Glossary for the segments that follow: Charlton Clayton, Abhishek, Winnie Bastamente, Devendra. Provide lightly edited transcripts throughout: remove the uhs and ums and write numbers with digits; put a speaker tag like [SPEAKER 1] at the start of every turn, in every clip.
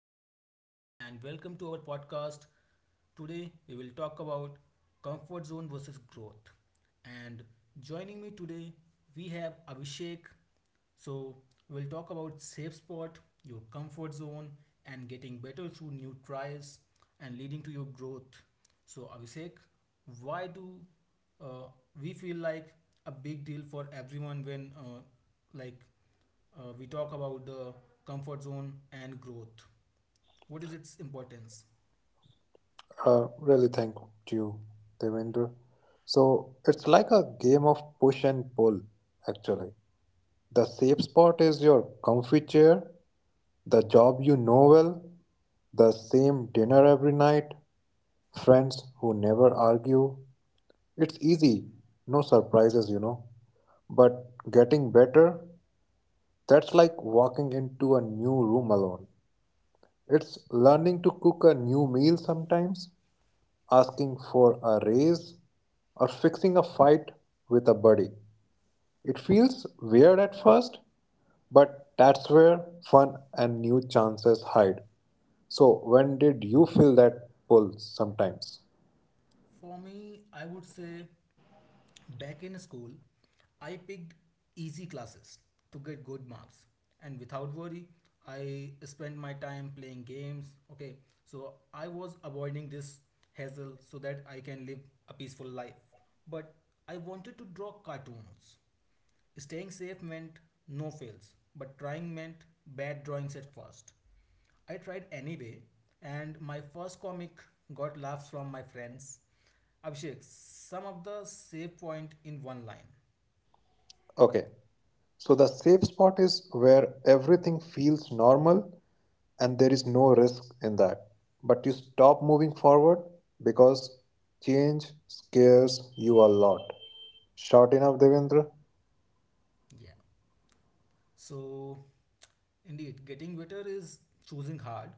[SPEAKER 1] Devendra and welcome to our podcast. Today we will talk about comfort zone versus growth. And joining me today we have Abhishek. So we'll talk about safe spot, your comfort zone and getting better through new tries and leading to your growth. So Abhishek, why do uh, we feel like a big deal for everyone when like we talk about the comfort zone and growth. What is its importance?
[SPEAKER 2] Really, thank you, Devendra. So it's like a game of push and pull, actually. The safe spot is your comfy chair, the job you know well, the same dinner every night, friends who never argue. It's easy, no surprises. But getting better, that's like walking into a new room alone. It's learning to cook a new meal sometimes, asking for a raise, or fixing a fight with a buddy. It feels weird at first, but that's where fun and new chances hide. So, when did you feel that pull sometimes?
[SPEAKER 1] For me, I would say back in school, I picked easy classes to get good marks. And without worry, I spent my time playing games. Okay, so I was avoiding this hassle so that I can live a peaceful life. But I wanted to draw cartoons. Staying safe meant no fails, but trying meant bad drawings at first. I tried anyway, and my first comic got laughs from my friends. Abhishek, sum up the save point in one line.
[SPEAKER 2] Okay, so the safe spot is where everything feels normal and there is no risk in that. But you stop moving forward because change scares you a lot. Short enough, Devendra?
[SPEAKER 1] Yeah. So, indeed, getting better is choosing hard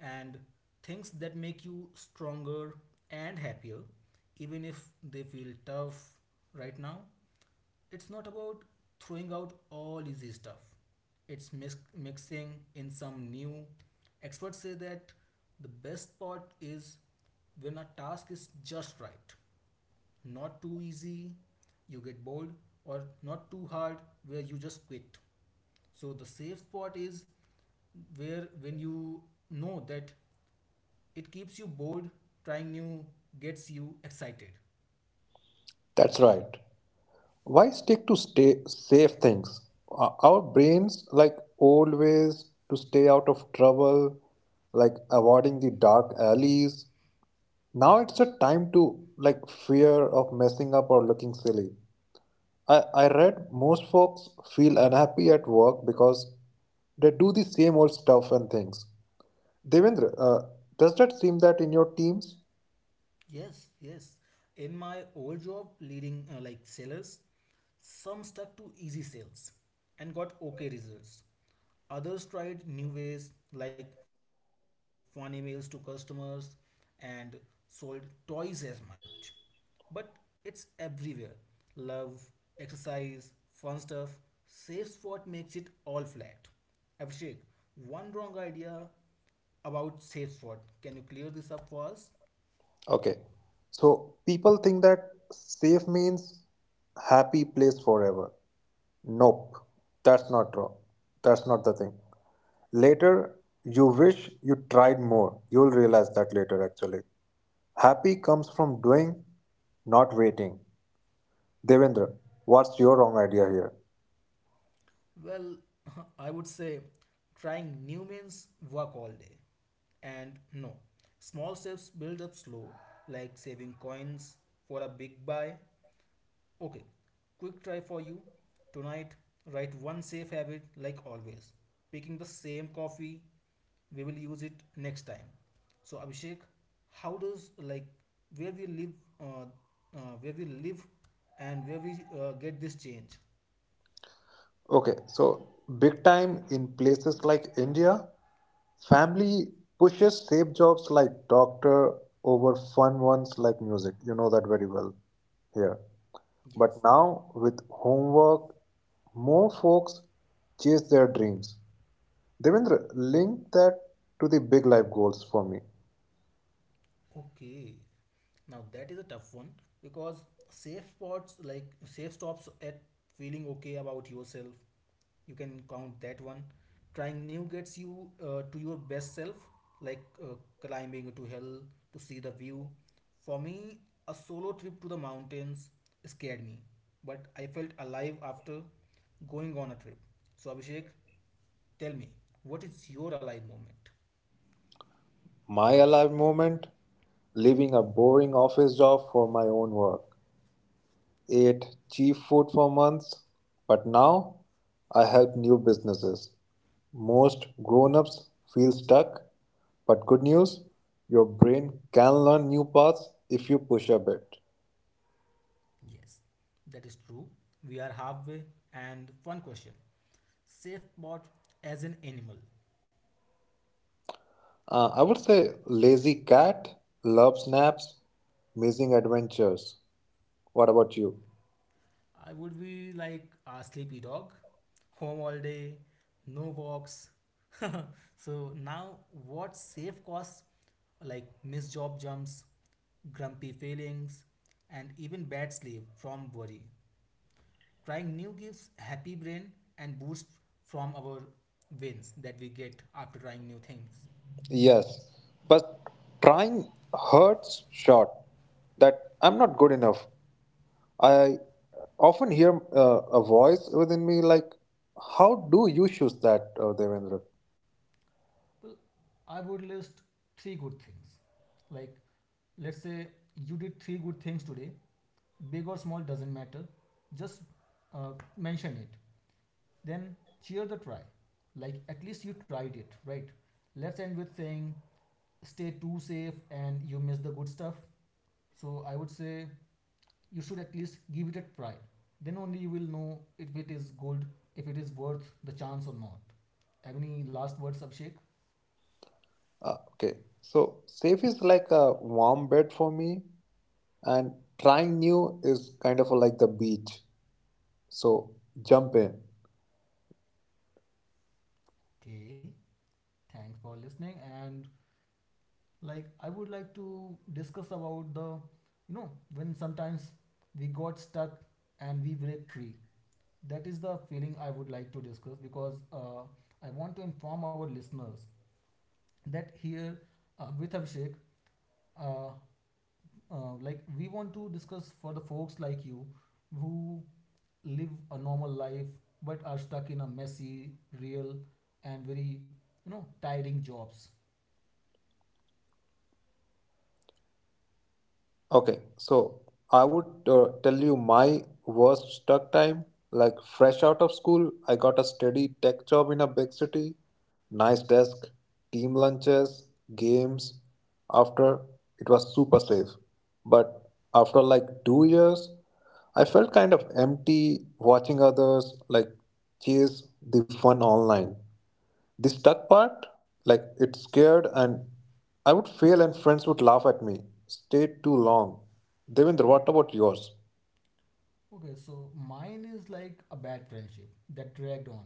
[SPEAKER 1] and things that make you stronger and happier, even if they feel tough right now. It's not about throwing out all easy stuff, it's mixing in some new. Experts say that the best part is when a task is just right, not too easy, you get bored, or not too hard, where you just quit. So the safe spot is where when you know that it keeps you bored, trying new gets you excited.
[SPEAKER 2] That's right. Why stick to stay safe things? Our brains like old ways to stay out of trouble, like avoiding the dark alleys. Now it's a time to like fear of messing up or looking silly. I read most folks feel unhappy at work because they do the same old stuff and things. Devendra, does that seem that in your teams?
[SPEAKER 1] Yes, yes. In my old job leading like sellers, some stuck to easy sales and got okay results. Others tried new ways like fun emails to customers and sold twice as much. But it's everywhere. Love, exercise, fun stuff. Safe spot makes it all flat. Abhishek, one wrong idea about safe spot. Can you clear this up for us?
[SPEAKER 2] Okay, so people think that safe means happy place forever. Nope, that's not true. That's not the thing. Later, you wish you tried more. You'll realize that later, actually. Happy comes from doing, not waiting. Devendra, what's your wrong idea here?
[SPEAKER 1] Well, I would say trying new means work all day. And no, small steps build up slow, like saving coins for a big buy. Okay, quick try for you. Tonight, write one safe habit like always. Picking the same coffee, we will use it next time. So Abhishek, how does like where we live, uh, where we live, and where we get this change?
[SPEAKER 2] Okay, so big time in places like India, family pushes safe jobs like doctor over fun ones like music. You know that very well here.
[SPEAKER 1] Yes.
[SPEAKER 2] But now, with homework, more folks chase their dreams. Devendra, link that to the big life goals for me.
[SPEAKER 1] Okay, now that is a tough one because safe spots like safe stops at feeling okay about yourself. You can count that one. Trying new gets you to your best self, like climbing to hell to see the view. For me, a solo trip to the mountains scared me, but I felt alive after going on a trip. So, Abhishek, tell me, what is your alive moment?
[SPEAKER 2] My alive moment: leaving a boring office job for my own work, ate cheap food for months, but now I help new businesses. Most grown ups feel stuck, but good news, your brain can learn new paths if you push a bit.
[SPEAKER 1] Yes, that is true. We are halfway. And one question: Safe bot as an animal.
[SPEAKER 2] I would say lazy cat, love snaps, amazing adventures. What about you?
[SPEAKER 1] I would be like a sleepy dog, home all day, no walks. So now, what safe costs like missed job jumps, grumpy feelings, and even bad sleep from worry? Trying new gives happy brain and boost from our wins that we get after trying new things.
[SPEAKER 2] Yes, but trying hurts short that I'm not good enough. I often hear a voice within me like, how do you choose that, Devendra?
[SPEAKER 1] Well, I would list three good things. Like, let's say you did three good things today, big or small doesn't matter, just uh, mention it. Then cheer the try. Like, at least you tried it, right? Let's end with saying, stay too safe and you miss the good stuff. So, I would say you should at least give it a try. Then only you will know if it is good, if it is worth the chance or not. Have any last words, Abhishek?
[SPEAKER 2] Okay, so safe is like a warm bed for me, and trying new is kind of like the beach. So jump in.
[SPEAKER 1] Okay, thanks for listening. And like, I would like to discuss about the when sometimes we got stuck and we break free. That is the feeling I would like to discuss because I want to inform our listeners that here with Abhishek, uh, we want to discuss for the folks like you who live a normal life but are stuck in a messy, real, and very, tiring jobs.
[SPEAKER 2] Okay, so I would tell you my worst stuck time. Like fresh out of school, I got a steady tech job in a big city. Nice desk, team lunches, games. After it was super safe. But after like 2 years, I felt kind of empty watching others like chase the fun online. The stuck part, like it's scared and I would fail and friends would laugh at me. Stayed too long. Devendra, what about yours?
[SPEAKER 1] Okay, so mine is like a bad friendship that dragged on.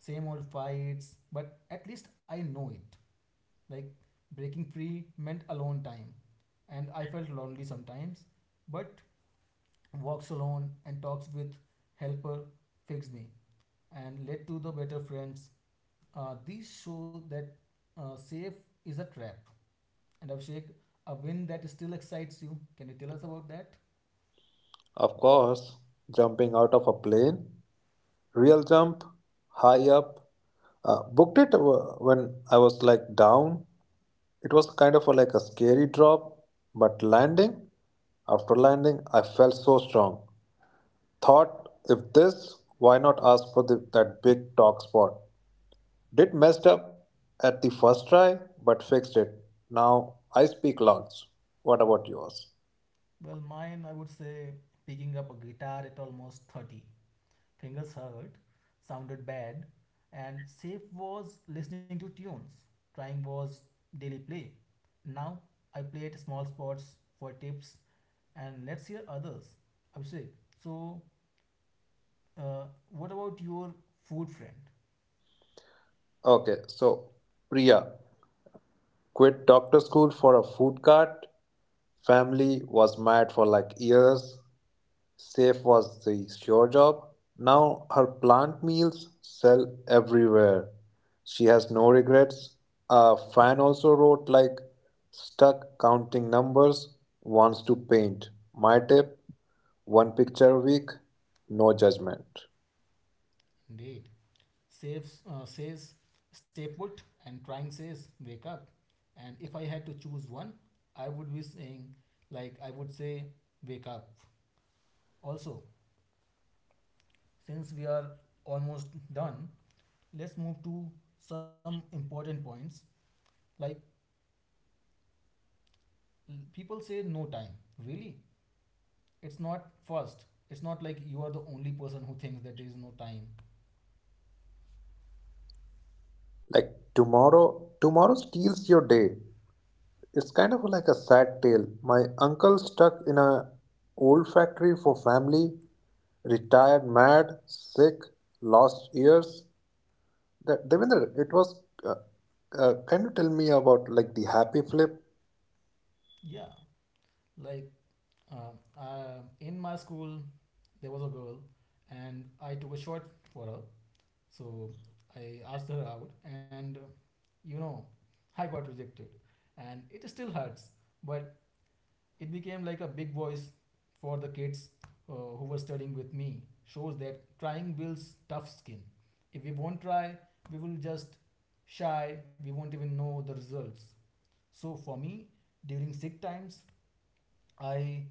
[SPEAKER 1] Same old fights, but at least I know it. Like breaking free meant alone time, and I felt lonely sometimes, but walks alone and talks with helper fixed me and led to the better friends. These show that safe is a trap. And Abhishek, a win that still excites you. Can you tell us about that?
[SPEAKER 2] Of course, jumping out of a plane, real jump, high up. Booked it when I was like down. It was kind of a, like a scary drop, but after landing, I felt so strong. Thought, if this, why not ask for the, that big talk spot? Did messed up at the first try, but fixed it. Now I speak lots. What about yours?
[SPEAKER 1] Well, mine, I would say picking up a guitar at almost 30. Fingers hurt, sounded bad, and Safe was listening to tunes. Trying was daily play. Now I play at small spots for tips and let's hear others. Abhishek, so what about your food friend?
[SPEAKER 2] Okay, so Priya quit doctor school for a food cart. Family was mad for like years. Safe was the sure job. Now her plant meals sell everywhere. She has no regrets. A fan also wrote like stuck counting numbers, wants to paint. My tip, one picture a week, no judgment.
[SPEAKER 1] Indeed. Saves, says stay put and trying says wake up. And if I had to choose one, I would be saying, like, I would say wake up. Also, since we are almost done, let's move to some important points. Like people say no time. Really? It's not first. It's not like you are the only person who thinks that there is no time.
[SPEAKER 2] Like tomorrow, steals your day. It's kind of like a sad tale. My uncle stuck in a old factory for family, retired mad, sick, lost years. That Devendra, it was. Can you tell me about like the happy flip?
[SPEAKER 1] Yeah. Like uh, in my school, there was a girl, and I took a shot for her. So I asked her out, and you know, I got rejected, and it still hurts. But it became like a big voice for the kids who were studying with me, shows that trying builds tough skin. If we won't try, we will just shy. We won't even know the results. So for me, during sick times, I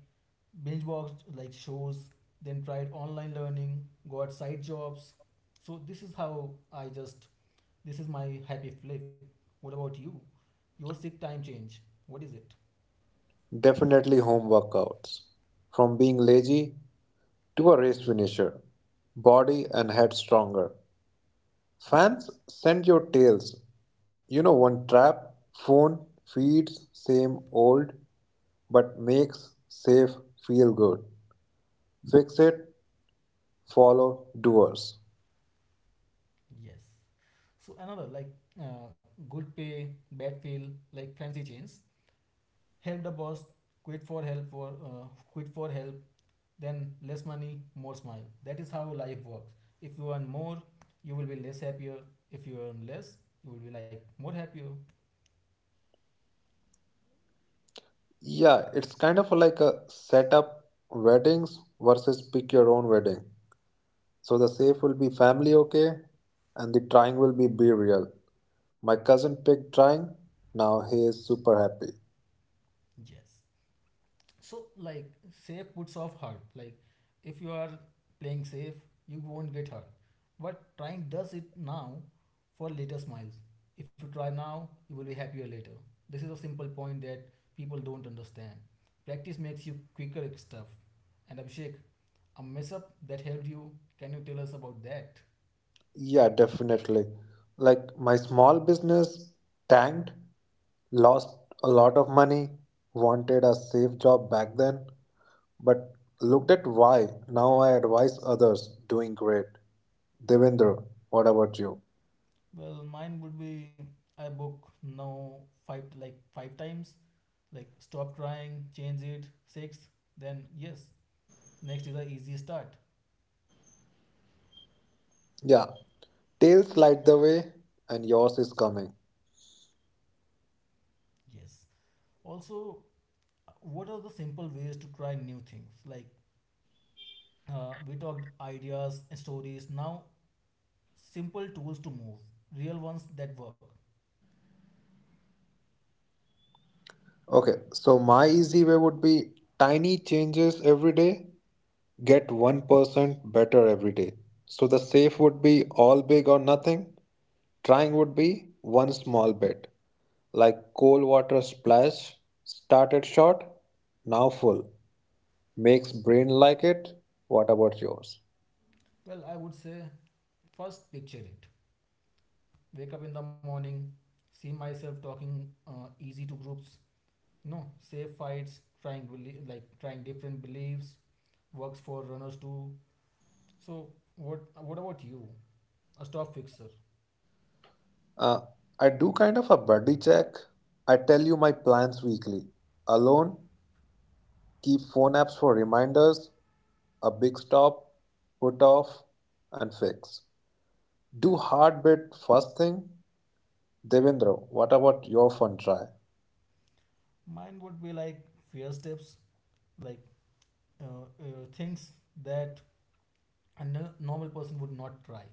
[SPEAKER 1] binge watched like shows, then tried online learning, got side jobs. So this is how I just, this is my happy flip. What about you? Your sick time change, what is it?
[SPEAKER 2] Definitely home workouts. From being lazy to a race finisher, body and head stronger. Fans send your tales. You know, one trap, phone feeds same old, but makes safe feel good. Fix it, follow doers.
[SPEAKER 1] Yes. So another like uh, good pay, bad feel, like fancy chains. Help the boss, quit for help for uh, quit for help. Then less money, more smile. That is how life works. If you earn more, you will be less happier. If you earn less, you will be like more happier.
[SPEAKER 2] Yeah, it's kind of like a setup weddings versus pick your own wedding. So the safe will be family okay and the trying will be real. My cousin picked trying, now he is super happy.
[SPEAKER 1] Yes. So like safe puts off hurt. Like if you are playing safe, you won't get hurt. But trying does it now for later smiles. If you try now, you will be happier later. This is a simple point that people don't understand. Practice makes you quicker at stuff. And Abhishek, a mess up that helped you, can you tell us about that?
[SPEAKER 2] Yeah, definitely. Like my small business tanked, lost a lot of money, wanted a safe job back then, but looked at why. Now I advise others doing great. Devendra, what about you?
[SPEAKER 1] Well, mine would be I book now five times, like stop trying, change it, six, then yes, next is the easy start.
[SPEAKER 2] Yeah, tails light the way and yours is coming.
[SPEAKER 1] Yes. Also, what are the simple ways to try new things? Like we talked ideas and stories. Now, simple tools to move, real ones that work.
[SPEAKER 2] Okay, so my easy way would be tiny changes every day, get 1% better every day. So the safe would be all big or nothing, trying would be one small bit. Like cold water splash, started short, now full. Makes brain like it. What about yours?
[SPEAKER 1] Well, I would say first picture it. Wake up in the morning, see myself talking easy to groups. No, save fights, trying like trying different beliefs works for runners too. So what about you? A stop fixer.
[SPEAKER 2] Uh, I do kind of a buddy check. I tell you my plans weekly. Alone, keep phone apps for reminders, a big stop, put off, and fix. Do hard bit first thing. Devendra, what about your fun try?
[SPEAKER 1] Mine would be like fear steps, like things that a normal person would not try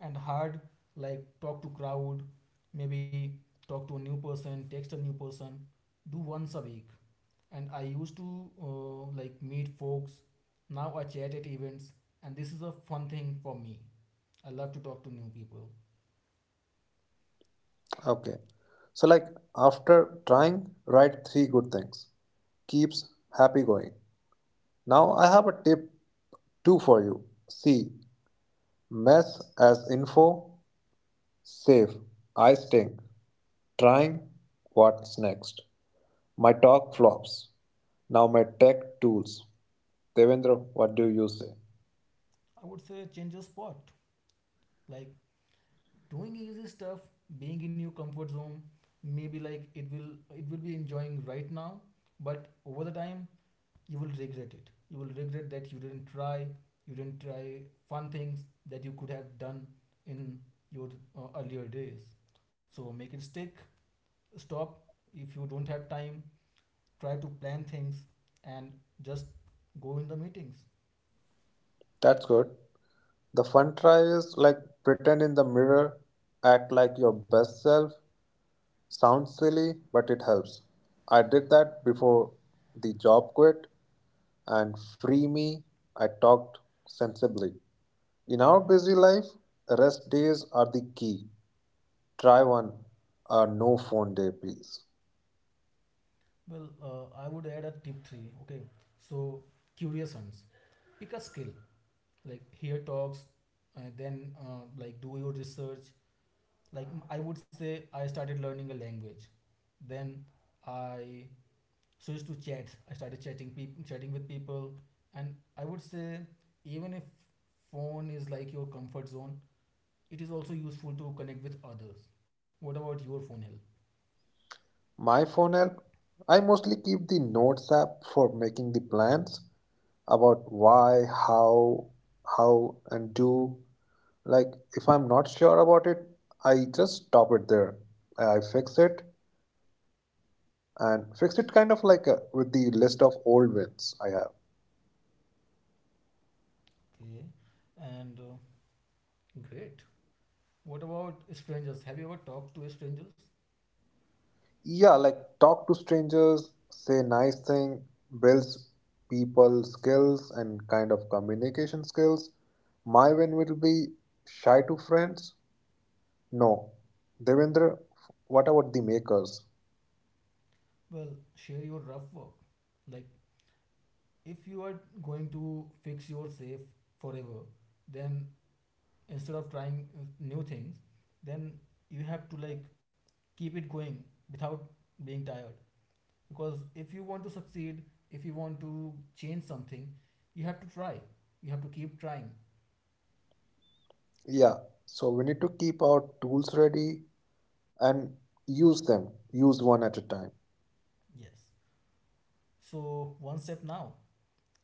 [SPEAKER 1] and hard, like talk to crowd, maybe talk to a new person, text a new person, do once a week. And I used to like meet folks, now I chat at events. And this is a fun thing for me. I love to talk to new people.
[SPEAKER 2] Okay. So, like, after trying, write three good things. Keeps happy going. Now, I have a tip two for you. See mess as info. Save. I stink. Trying. What's next? My talk flops. Now, my tech tools. Devendra, what do you say?
[SPEAKER 1] I would say change your spot, like doing easy stuff, being in your comfort zone. Maybe like it will be enjoying right now, but over the time you will regret it. You will regret that you didn't try. You didn't try fun things that you could have done in your earlier days. So make it stick. Stop. If you don't have time, try to plan things and just go in the meetings.
[SPEAKER 2] That's good. The fun try is like pretend in the mirror, act like your best self. Sounds silly, but it helps. I did that before the job quit and free me, I talked sensibly. In our busy life, rest days are the key. Try one, a no phone day, please.
[SPEAKER 1] Well I would add a tip 3. Okay, so curious ones, pick a skill, like hear talks, then like do your research. Like I would say I started learning a language, then I, I used to chat. I started chatting people chatting with people. And I would say even if phone is like your comfort zone, it is also useful to connect with others. What about your phone hill?
[SPEAKER 2] My phone app, I mostly keep the notes app for making the plans about why, how, and do. Like, if I'm not sure about it, I just stop it there. I fix it kind of like with the list of old wins I have.
[SPEAKER 1] Okay, and great. What about strangers? Have you ever talked to strangers?
[SPEAKER 2] Yeah, like talk to strangers, say nice thing, builds people skills and kind of communication skills. My win will be shy to friends, no. Devendra, what about the makers?
[SPEAKER 1] Well, share your rough work. Like if you are going to fix your safe forever, then instead of trying new things, then you have to like keep it going without being tired. Because if you want to succeed, if you want to change something, you have to try. You have to keep trying.
[SPEAKER 2] Yeah, so we need to keep our tools ready and use one at a time.
[SPEAKER 1] Yes. So one step now.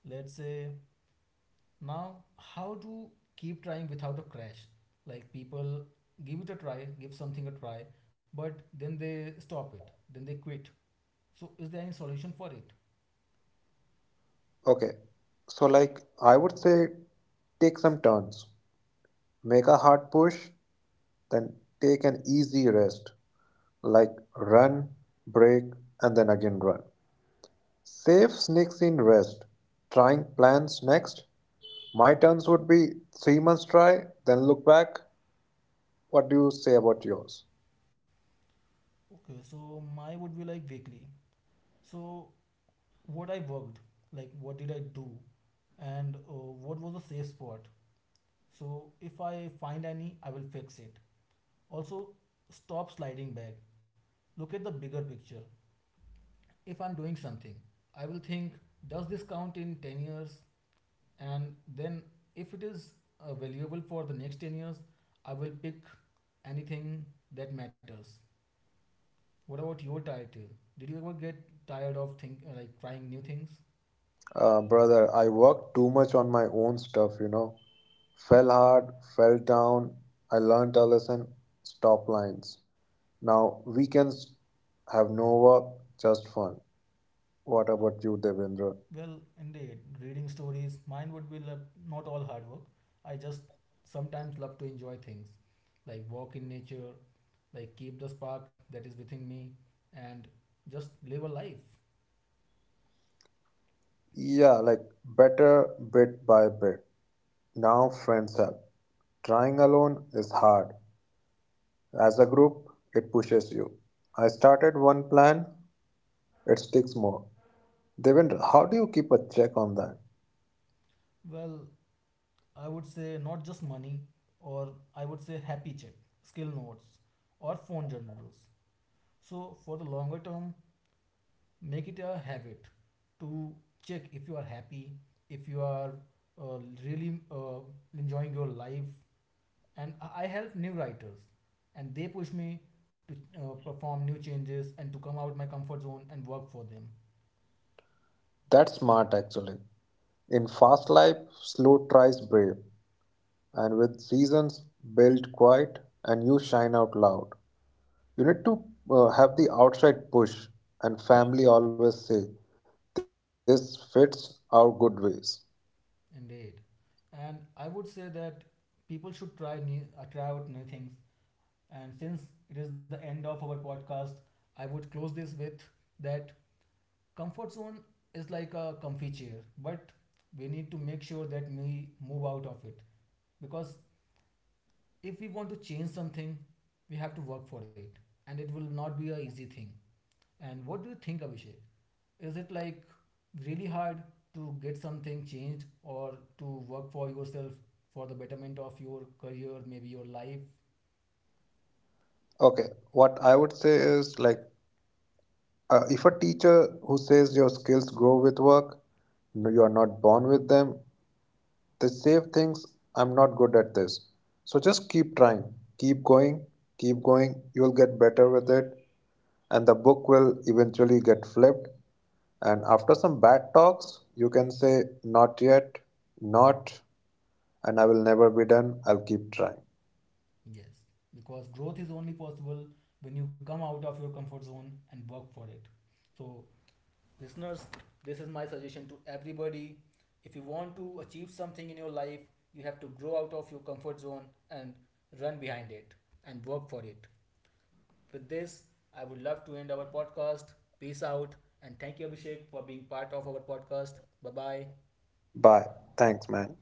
[SPEAKER 1] Let's say now, how to keep trying without a crash? Like people give it a try, give something a try, but then they stop it, then they quit. So is there any solution for it?
[SPEAKER 2] Okay, so like I would say take some turns. Make a hard push, then take an easy rest, like run, break, and then again run. Save sneaks in rest. Trying plans next. My turns would be 3 months try, then look back. What do you say about yours?
[SPEAKER 1] Okay, so my would be like vaguely. So what I worked, like what did I do, and what was a safe spot? So if I find any, I will fix it. Also, stop sliding back. Look at the bigger picture. If I'm doing something, I will think, does this count in 10 years? And then if it is valuable for the next 10 years, I will pick anything that matters. What about your tired? Did you ever get tired of think like trying new things?
[SPEAKER 2] Brother, I worked too much on my own stuff, you know. Fell hard, fell down. I learned a lesson. Stop lines. Now, weekends have no work, just fun. What about you, Devendra?
[SPEAKER 1] Well, indeed, reading stories, mine would be like not all hard work. I just sometimes love to enjoy things, like walk in nature, like keep the spark that is within me, and just live a life.
[SPEAKER 2] Yeah, like better bit by bit. Now, friends help. Trying alone is hard. As a group, it pushes you. I started one plan, it sticks more. Devendra, how do you keep a check on that?
[SPEAKER 1] Well, I would say not just money, or I would say happy check, skill notes, or phone generals. So, for the longer term, make it a habit to check if you are happy, if you are uh, really enjoying your life. And I help new writers, and they push me to perform new changes and to come out my comfort zone and work for them.
[SPEAKER 2] That's smart actually. In fast life, slow tries brave, and with seasons build quiet, and you shine out loud. You need to have the outside push, and family always say, this fits our good ways.
[SPEAKER 1] Indeed, and I would say that people should try try out new things. And since it is the end of our podcast, I would close this with that comfort zone is like a comfy chair, but we need to make sure that we move out of it, because if we want to change something, we have to work for it, and it will not be a easy thing. And what do you think, Abhishek? Is it like really hard to get something changed or to work for yourself for the betterment of your career, maybe your life?
[SPEAKER 2] Okay, what I would say is like, if a teacher who says your skills grow with work, no, you are not born with them, the save thinks I'm not good at this. So just keep trying, keep going, keep going. You'll get better with it, and the book will eventually get flipped. And after some bad talks, you can say, not yet, not, and I will never be done. I'll keep trying.
[SPEAKER 1] Yes, because growth is only possible when you come out of your comfort zone and work for it. So, listeners, this is my suggestion to everybody. If you want to achieve something in your life, you have to grow out of your comfort zone and run behind it and work for it. With this, I would love to end our podcast. Peace out. And thank you, Abhishek, for being part of our podcast. Bye bye.
[SPEAKER 2] Bye. Thanks, man.